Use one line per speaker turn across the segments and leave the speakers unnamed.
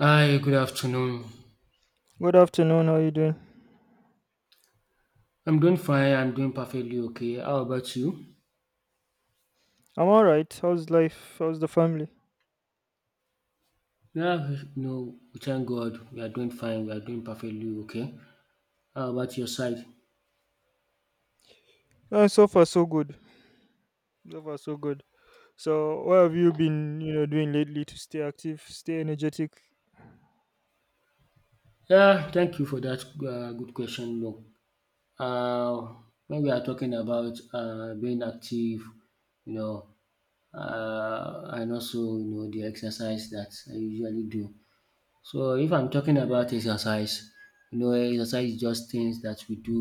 Hi, good afternoon.
Good afternoon. How you doing?
I'm doing fine. I'm doing perfectly okay. How about you?
I'm all right. How's life? How's the family?
Yeah, no, we thank God. We are doing fine. We are doing perfectly okay. How about your side?
So far, so good. So far, so good. So, what have you been, doing lately to stay active, stay energetic?
Yeah, thank you for that good question. No, uh, when we are talking about being active, you know, and also you know the exercise that I usually do. So if I'm talking about exercise, you know, exercise is just things that we do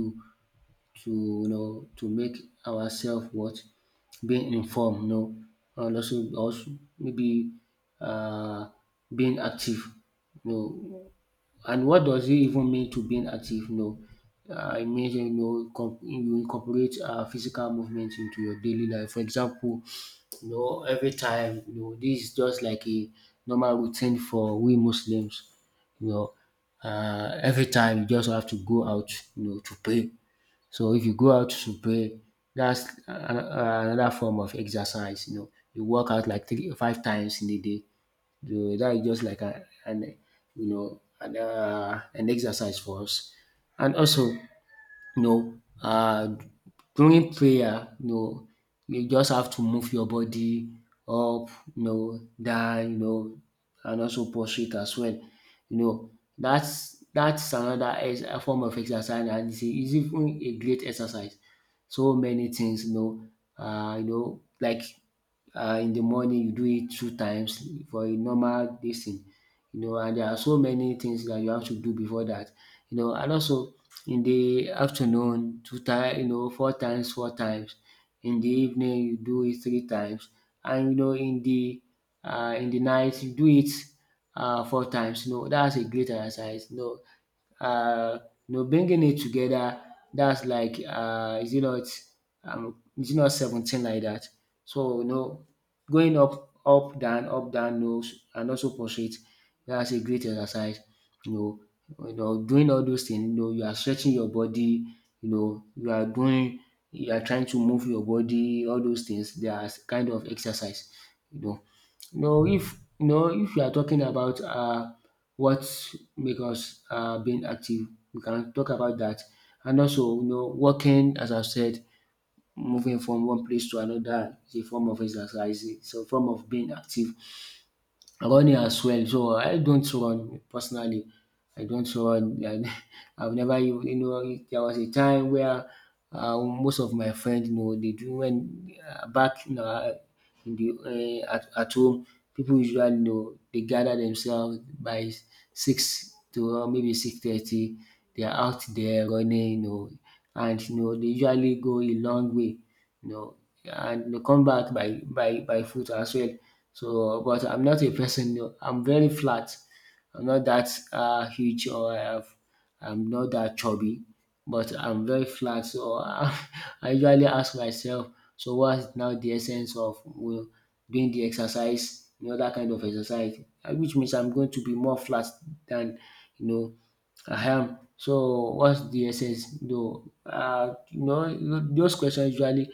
to you know to make ourselves what being informed, you know, and also maybe uh, being active. You know, and what does it even mean to being active? You know, it means you know you incorporate physical movement into your daily life. For example, you know every time you know this is just like a normal routine for we Muslims. You know, every time you just have to go out, you know, to pray. So if you go out to pray, that's another form of exercise, you know. You work out like three five times in a day. So that is just like an you know an exercise for us. And also you know, during prayer, you know, you just have to move your body up, you know, down, you know, and also prostrate as well. You know, that's another ex a form of exercise, and it's even a great exercise. So many things, you know, like in the morning you do it two times for a normal dis thing you know, and there are so many things that you have to do before that, you know. And also in the afternoon, two times, you know, four times, four times. In the evening, you do it three times, and you know, in the night, you do it four times. You know, that's a great exercise. Uh, you know, bringing it together. That's like, is it not 17 like that? So, you know, going up, up, down, nose, and also prostrate. That's a great exercise. You Doing all those things, you know, you are stretching your body, you know, you are trying to move your body, all those things. They are kind of exercise, you know. No, if you are talking about what make us being active, we can talk about that. And also, you know, working, as I've said, moving from one place to another is a form of exercise. It's a form of being active. Running as well. So I don't run personally. I don't run. And I've never even you know there was a time where most of my friends you know they do when back you know in the at home people usually you know they gather themselves by six to maybe 6:30. They are out there running you know and you know they usually go a long way you know, and they come back by by foot as well. So, but I'm not a person. You know, I'm very flat. I'm not that uh, huge or I have, I'm not that chubby, but I'm very flat. So I usually ask myself, so what's now the essence of you know, doing the exercise, you know, that kind of exercise, which means I'm going to be more flat than you know. Ahem. So what's the essence though? You know, those questions usually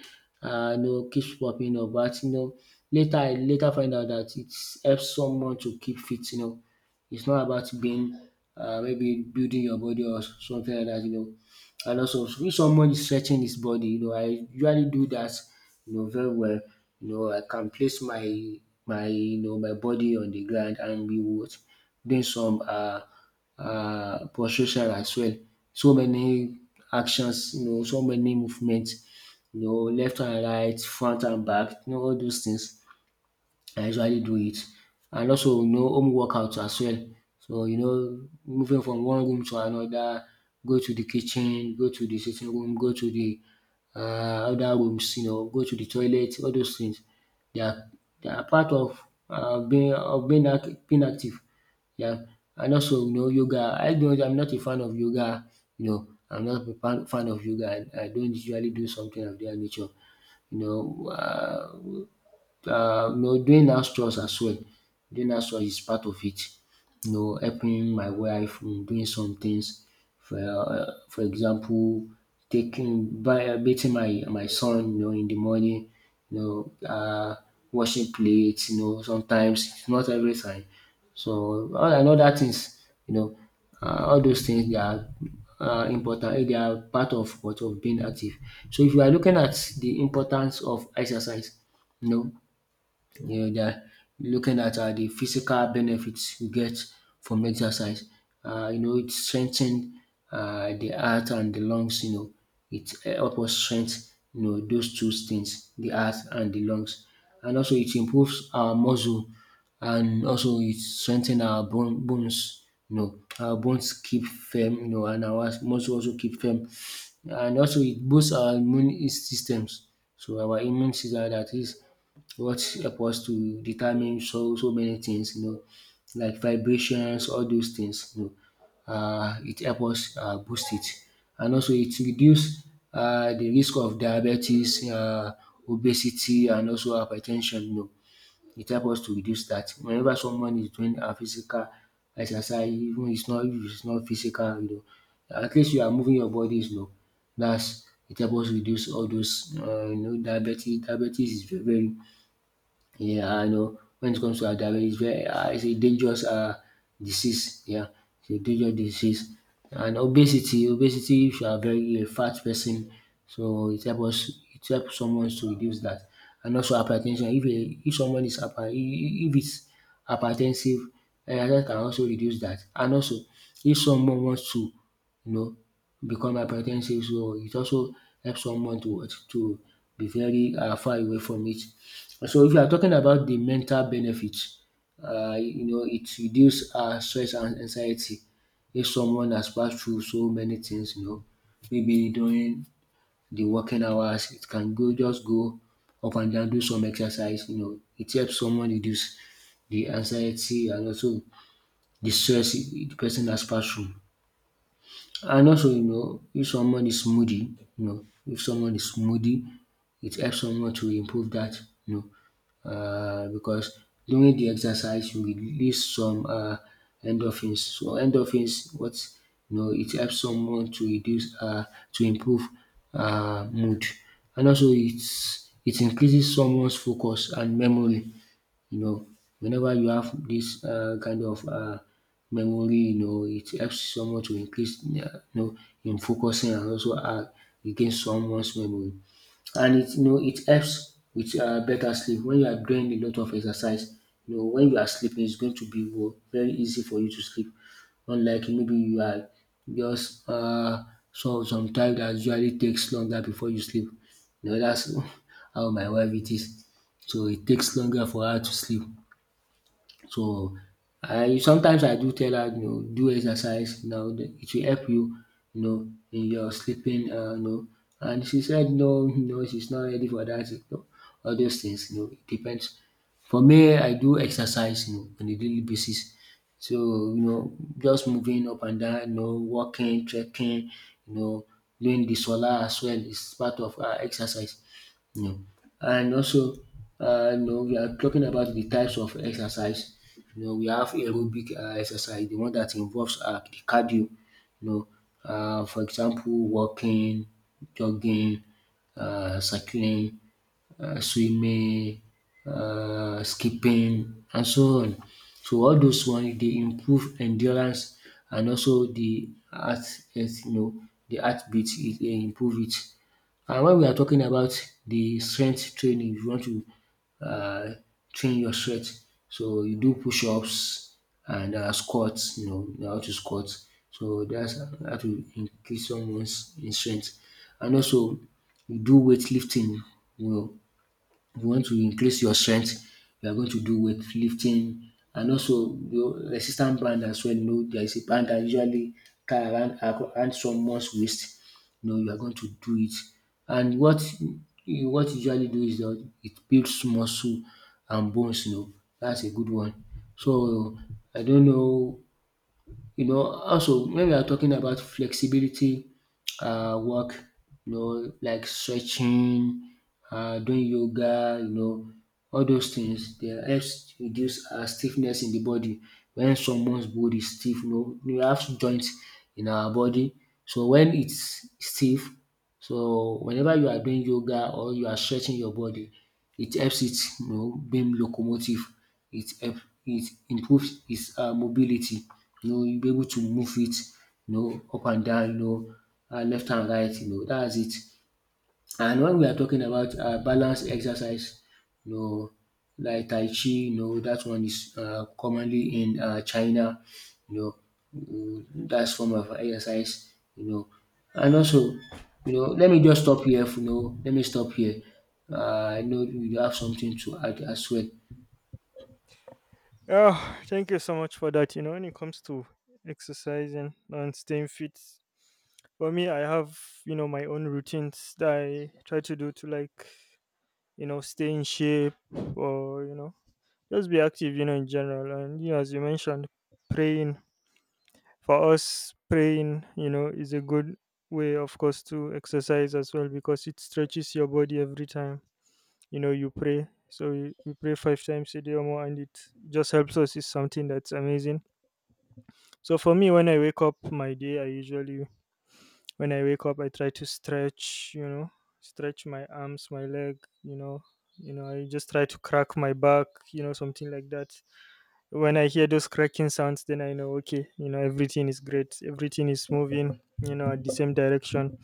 you know, keeps popping up, but you know, later find out that it helps someone to keep fit. You know, it's not about being maybe building your body or something like that. You know, and also if someone is stretching his body, you know, I usually do that, you know, very well. You know, I can place my you know my body on the ground and be what doing some prostration as well. So many actions, you know, so many movements, you know, left and right, front and back, you know, all those things. I usually do it. And also, you know, home workouts as well. So, you know, moving from one room to another, go to the kitchen, go to the sitting room, go to the other rooms, you know, go to the toilet, all those things. They are, they are part of being, being active. Yeah. And also, you know, yoga. I'm not a fan of yoga. You know, I'm not a fan of yoga. I don't usually do something of that nature. You know, uh, you know, doing house chores as well. Doing house chores is part of it. You know, helping my wife in doing some things. For example, taking by bathing my son, you know, in the morning. You know, uh, Washing plates. You know, sometimes it's not every time. So all and other things, you know, all those things they are important. They are part of what of being active. So if you are looking at the importance of exercise, you know, yeah, they're looking at the physical benefits you get from exercise. You know, it strengthens the heart and the lungs. You know, it helps us strengthen you know those two things, the heart and the lungs, and also it improves our muscle, and also it strengthens our bones. You know, our bones keep firm. You know, and our muscle also keep firm, and also it boosts our immune systems. So our immune system that is what help us to determine so many things, you know, like vibrations, all those things, you know. It help us boost it. And also it reduce the risk of diabetes, obesity, and also hypertension, you know. It help us to reduce that. Whenever someone is doing a physical exercise, even it's not if it's not physical, you know, at least you are moving your bodies, you know. That's it help us reduce all those you know diabetes is very yeah, I know. When it comes to diabetes, it's it's a dangerous disease. Yeah, it's a dangerous disease. And obesity, if you are very a fat person, so it helps someone to reduce that. And also hypertension, if someone is hyper, if it's hypertensive, that can also reduce that. And also, if someone wants to, you know, become hypertensive, so it also helps someone to be very far away from it. So if you are talking about the mental benefits, you know, it reduces stress and anxiety. If someone has passed through so many things, you know, maybe during the working hours, it can go just go up and down, do some exercise. You know, it helps someone reduce the anxiety and also the stress the person has passed through. And also, you know, if someone is moody, you know, if someone is moody, it helps someone to improve that, you know, because during the exercise, you release some endorphins. So endorphins, what you know, it helps someone to improve mood, and also it increases someone's focus and memory. You know, whenever you have this kind of memory, you know, it helps someone to increase, you know, in focusing and also against someone's memory. And it you know it helps with better sleep when you are doing a lot of exercise. You know when you are sleeping, it's going to be very easy for you to sleep. Unlike maybe you are just so sometimes that usually takes longer before you sleep. You know that's how my wife it is. So it takes longer for her to sleep. So, I sometimes I do tell her, you know, do exercise now, it will help you, you know, in your sleeping, you know. And she said no, no, she's not ready for that, you know, all those things, you know, it depends. For me, I do exercise, you know, on a daily basis. So, you know, just moving up and down, you know, walking, trekking, you know, doing the solar as well is part of our exercise. Yeah. And also, you know, we are talking about the types of exercise. You know, we have aerobic exercise, the one that involves the cardio. You know, for example, walking, jogging, cycling, swimming, skipping and so on. So all those ones they improve endurance and also the heart health you know the heartbeat it dey improve it. And when we are talking about the strength training, you want to um train your strength, so you do push ups and squat. You know, you know how to squat, so that's how to increase someone's in strength. And also you do weightlifting. You know, if you want to increase your strength, you are going to do weight lifting and also your resistance band as well. You know, there is a band that usually tie around around someone's waist. You know, you are going to do it. And what you usually do is that it builds muscle and bones, you know. That's a good one. So I don't know. You know, also when we are talking about flexibility work, you know, like stretching, doing yoga, you know, all those things they helps reduce stiffness in the body. When someone's body is stiff, you know, we have joints in our body. So when it's stiff, so whenever you are doing yoga or you are stretching your body, it helps it, you know, being locomotive. It help it improves its mobility. You know, you'll be able to move it, you know, up and down, you know, left and right, you know, dats it. And when we are talking about balanced exercise, you know, like Tai Chi, you know, that one is commonly in China, you know, mm, that's form of exercise, you know. And also, you know, let me just stop here, you know, let me stop here. Uh, I know you have something to add as well.
Oh, thank you so much for that. You know, when it comes to exercising and staying fit, for me, I have, you know, my own routines that I try to do to, like, you know, stay in shape, or, you know, just be active, you know, in general. And, you know, as you mentioned, praying. For us, praying, you know, is a good way, of course, to exercise as well, because it stretches your body. Every time, you know, you pray, so we pray five times a day or more, and it just helps us. It's something that's amazing. So for me, when I wake up my day, I usually, when I wake up, I try to stretch, you know, stretch my arms, my leg, you know, you know, I just try to crack my back, you know, something like that. When I hear those cracking sounds, then I know, okay, you know, everything is great, everything is moving, you know, at the same direction.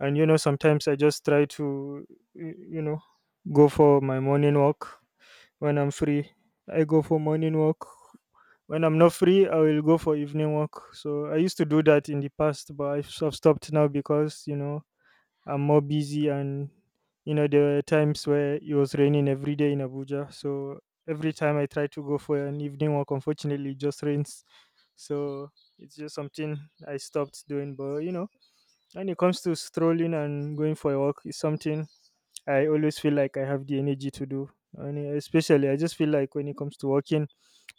And you know, sometimes I just try to, you know, go for my morning walk when I'm free. I go for morning walk. When I'm not free, I will go for evening walk. So I used to do that in the past, but I've stopped now, because, you know, I'm more busy, and, you know, there were times where it was raining every day in Abuja. So every time I try to go for an evening walk, unfortunately, it just rains. So it's just something I stopped doing. But, you know, when it comes to strolling and going for a walk, it's something I always feel like I have the energy to do. And especially I just feel like when it comes to walking,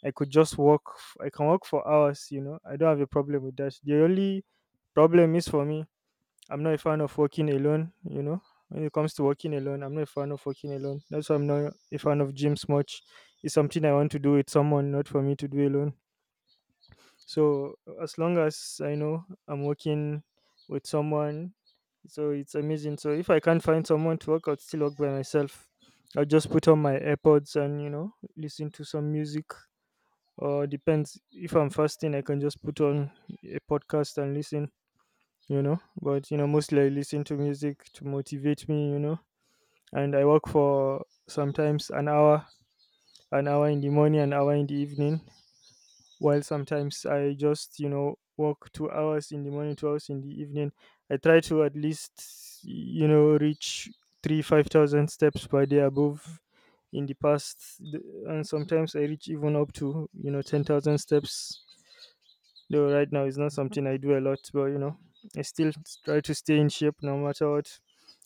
I could just I can walk for hours, you know. I don't have a problem with that. The only problem is, for me, I'm not a fan of working alone, you know. When it comes to working alone, I'm not a fan of working alone. That's why I'm not a fan of gyms much. It's something I want to do with someone, not for me to do alone. So as long as I know I'm working with someone, so it's amazing. So if I can't find someone to work, I'll still work by myself. I'll just put on my AirPods and, you know, listen to some music. Or, depends, if I'm fasting, I can just put on a podcast and listen, you know. But you know, mostly I listen to music to motivate me, you know. And I work for sometimes an hour, an hour in the morning, an hour in the evening, while sometimes I just, you know, work 2 hours in the morning, 2 hours in the evening. I try to at least, you know, reach 3-5,000 steps per day above in the past. And sometimes I reach even up to, you know, 10,000 steps. Though right now it's not something I do a lot, but, you know, I still try to stay in shape no matter what.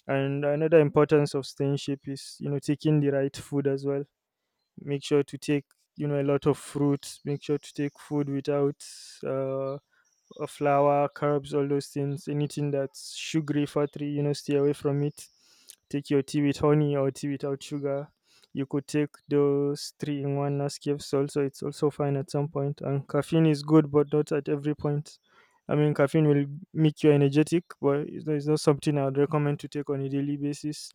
And another importance of staying in shape is, you know, taking the right food as well. Make sure to take, you know, a lot of fruits. Make sure to take food without uh, flour, carbs, all those things. Anything that's sugary, fatty, you know, stay away from it. Take your tea with honey or tea without sugar. You could take those three in one Nescafe. Salt, so it's also fine at some point. And caffeine is good, but not at every point. I mean, caffeine will make you energetic, but it's not something I would recommend to take on a daily basis.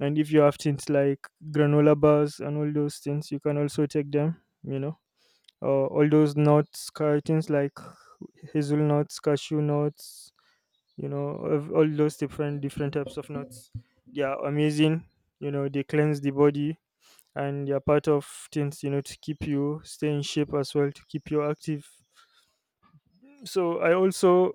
And if you have things like granola bars and all those things, you can also take them. You know, all those nuts, cartons like hazelnuts, cashew nuts, you know, of all those different different types of nuts. They are amazing. You know, they cleanse the body, and they are part of things, you know, to keep you stay in shape as well, to keep you active. So I also,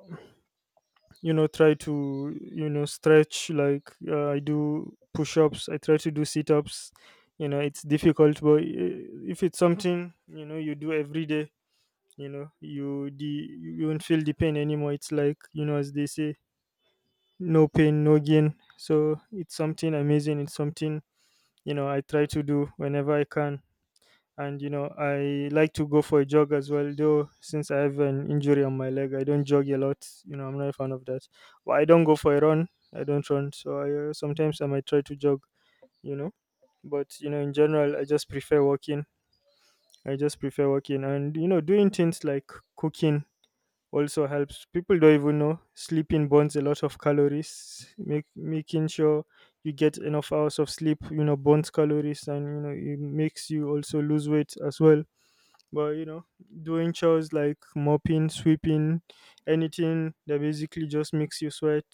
you know, try to, you know, stretch, like I do push-ups. I try to do sit-ups. You know, it's difficult, but if it's something, you know, you do every day, you know, you won't feel the pain anymore. It's like, you know, as they say, no pain, no gain. So it's something amazing. It's something, you know, I try to do whenever I can. And you know, I like to go for a jog as well, though since I have an injury on my leg, I don't jog a lot. You know, I'm not a fan of that. But I don't go for a run. I don't run. So I, sometimes I might try to jog, you know. But you know, in general, I just prefer walking. I just prefer walking, and you know, doing things like cooking also helps. People don't even know sleeping burns a lot of calories. Making sure you get enough hours of sleep, you know, burns calories, and you know, it makes you also lose weight as well. But you know, doing chores like mopping, sweeping, anything that basically just makes you sweat.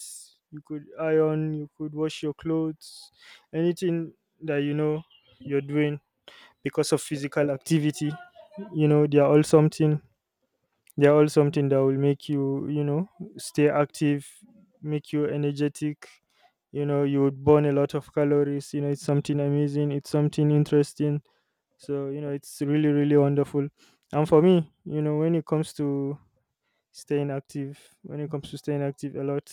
You could iron, you could wash your clothes, anything that, you know, you're doing because of physical activity. You know, they're all something that will make you, you know, stay active, make you energetic. You know, you would burn a lot of calories. You know, it's something amazing. It's something interesting. So, you know, it's really, really wonderful. And for me, you know, when it comes to staying active, when it comes to staying active a lot,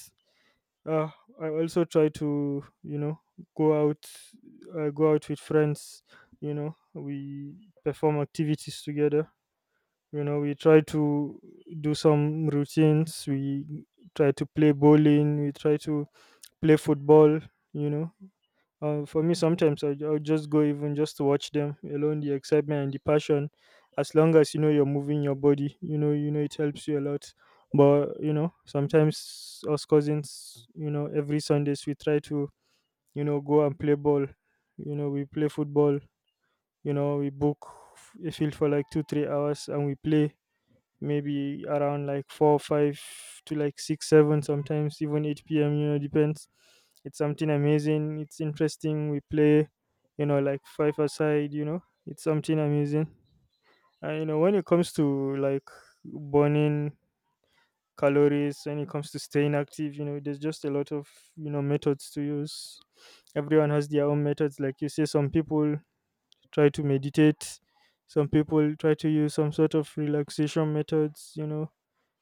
uh, I also try to, you know, go out, go out with friends. You know, we perform activities together. You know, we try to do some routines. We try to play bowling, we try to play football, you know. For me, sometimes I, I'll just go even just to watch them alone, the excitement and the passion. As long as, you know, you're moving your body, you know, you know, it helps you a lot. But you know, sometimes us cousins, you know, every Sundays, we try to, you know, go and play ball. You know, we play football, you know. We book a field for like 2-3 hours, and we play maybe around like 4 5 to like 6 7, sometimes even 8 p.m., you know, depends. It's something amazing, it's interesting. We play, you know, like five aside, you know. It's something amazing. And you know, when it comes to like burning calories, when it comes to staying active, you know, there's just a lot of, you know, methods to use. Everyone has their own methods. Like, you say, some people try to meditate, some people try to use some sort of relaxation methods, you know.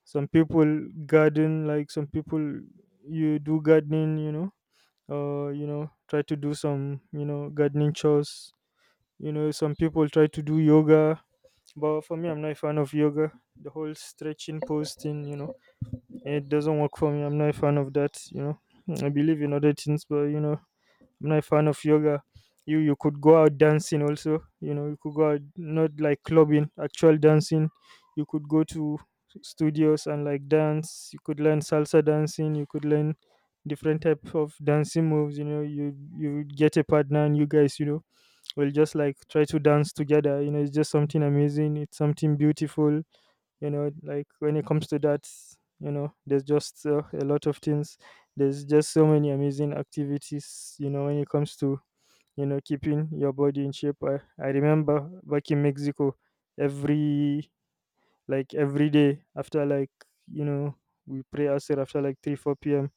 Some people garden, like, some people, you do gardening, you know, or, you know, try to do some, you know, gardening chores, you know. Some people try to do yoga. But for me, I'm not a fan of yoga. The whole stretching posting, you know, it doesn't work for me. I'm not a fan of that, you know. I believe in other things, but you know, I'm not a fan of yoga. You could go out dancing also. You know, you could go out, not like clubbing, actual dancing. You could go to studios and like dance. You could learn salsa dancing. You could learn different type of dancing moves. You know, you get a partner, and you guys, you know, will just like try to dance together. You know, it's just something amazing. It's something beautiful. You know, like, when it comes to that, you know, there's just a lot of things. There's just so many amazing activities, you know, when it comes to, you know, keeping your body in shape. I remember back in Mexico, every, like, every day after like, you know, we pray asr after like 3 4 p.m.,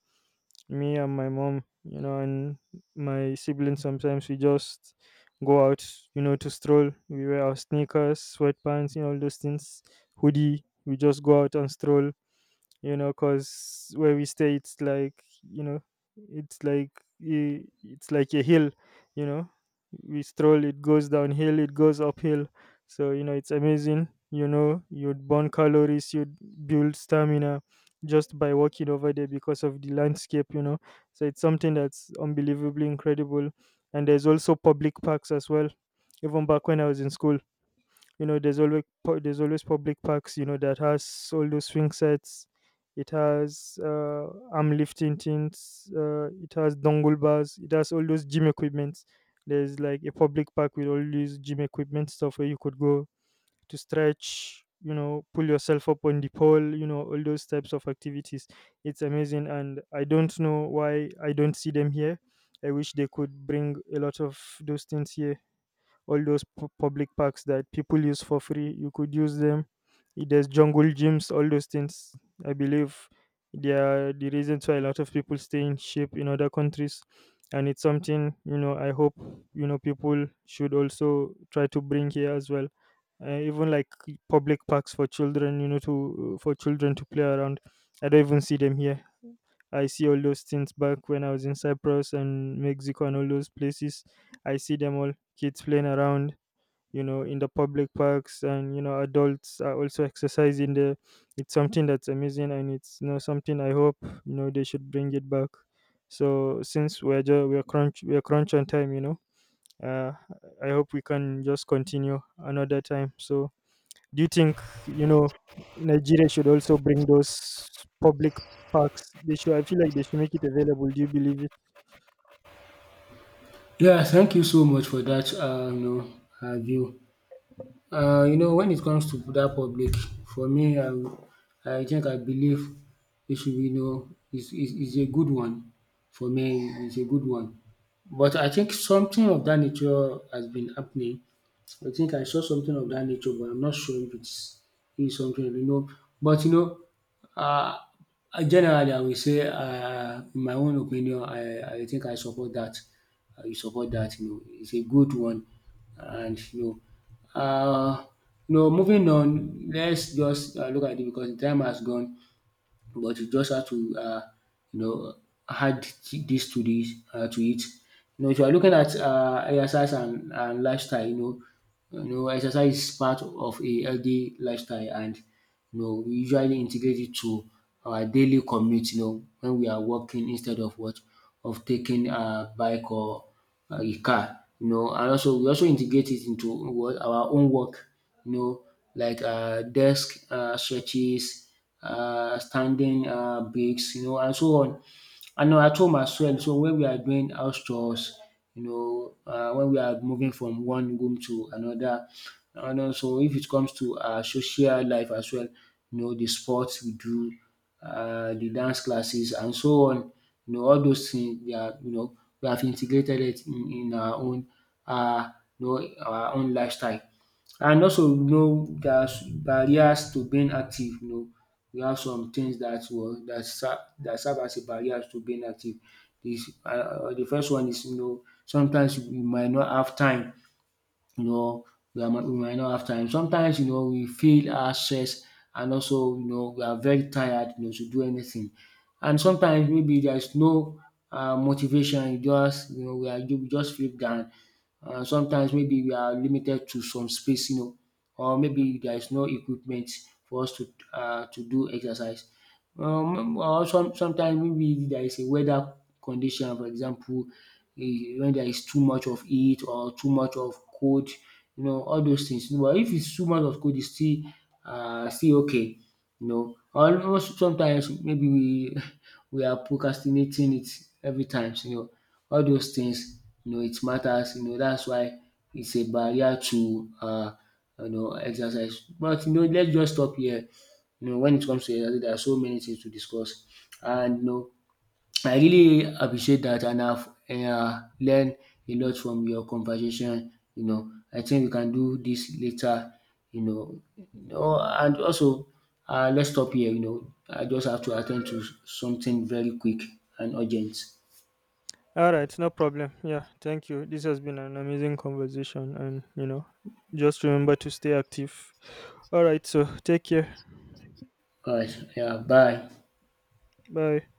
me and my mom, you know, and my siblings, sometimes we just go out, you know, to stroll. We wear our sneakers, sweatpants, you know, all those things, hoodie. We just go out and stroll, you know, because where we stay, it's like, you know, it's like, it's like a hill, you know. We stroll, it goes downhill, it goes uphill. So you know, it's amazing. You know, you'd burn calories, you'd build stamina just by walking over there because of the landscape, you know. So it's something that's unbelievably incredible. And there's also public parks as well. Even back when I was in school, you know, there's always there's always public parks, you know, that has all those swing sets. It has arm lifting things, it has dongle bars, it has all those gym equipments. There's like a public park with all these gym equipment stuff where you could go to stretch, you know, pull yourself up on the pole, you know, all those types of activities. It's amazing, and I don't know why I don't see them here. I wish they could bring a lot of those things here, all those public parks that people use for free, you could use them. Eh, there's jungle gyms, all those things, I believe they are the reasons why a lot of people stay in shape in other countries. And it's something, you know, I hope, you know, people should also try to bring here as well. Even like public parks for children, you know, to, for children to play around, I don't even see them here. I see all those things back when I was in Cyprus and Mexico and all those places. I see them all, kids playing around, you know, in the public parks, and you know, adults are also exercising there. It's something that's amazing, and it's, you know, something I hope, you know, they should bring it back. So since we're just we're crunch on time, you know, uh I hope we can just continue another time. So do you think, you know, Nigeria should also bring those public parks? They should. I feel like they should make it available. Do you believe it?
Yeah, thank you so much for that, you know, view. You know, when it comes to that public, for me, I think I believe it should be, you know, is a good one. For me, it's a good one. But I think something of that nature has been happening. I think I saw something of that nature, but I'm not sure if it's is something, you know. But you know, uh, generally, I will say, in my own opinion, I think I support that, you support that, you know, it's a good one. And you know, you know, moving on, let's just look at it because the time has gone. But you just have to, you know, add dis to it. You know, if you are looking at exercise and lifestyle, you know, you know exercise is part of a healthy lifestyle. And you know, we usually integrate it to our daily commute, you know, when we are walking instead of what of taking a bike or a car, you know. And also we also integrate it into what our own work, you know, like desk stretches, standing breaks, you know, and so on. And now at home as well, so when we are doing house chores, you know, when we are moving from one room to another. And also if it comes to our social life as well, you know, the sports we do, the dance classes, and so on. You know, all those things, they are, you know, we have integrated it in our own, uh, you know, our own lifestyle. And also, you know, there's barriers to being active, you know, we have some things that were that serve as a barrier to being active. This the first one is, you know, sometimes we might not have time, you know. We might not have time. Sometimes, you know, we feel our stress, and also, you know, we are very tired, you know, to do anything. And sometimes maybe there's no motivation. You just, you know, we just feel down. Sometimes maybe we are limited to some space, you know, or maybe there is no equipment for us to do exercise. Or some, sometimes maybe there is a weather condition, for example, eh, when there is too much of heat or too much of cold, you know, all those things. But if it's too much of cold, it's still still okay, you know. Almost sometimes maybe we we are procrastinating it every time, you know. All those things, you know, it matters, you know, that's why it's a barrier to, you know, exercise. But you know, let's just stop here. You know, when it comes to exercise, there are so many things to discuss. And you know, I really appreciate that, and I've learned a lot from your conversation, you know. I think we can do this later, you know. Oh, and also let's stop here, you know. I just have to attend to something very quick and urgent.
All right, no problem. Yeah, thank you. This has been an amazing conversation, and you know, just remember to stay active. All right, so take care.
Alright, yeah, bye.
Bye.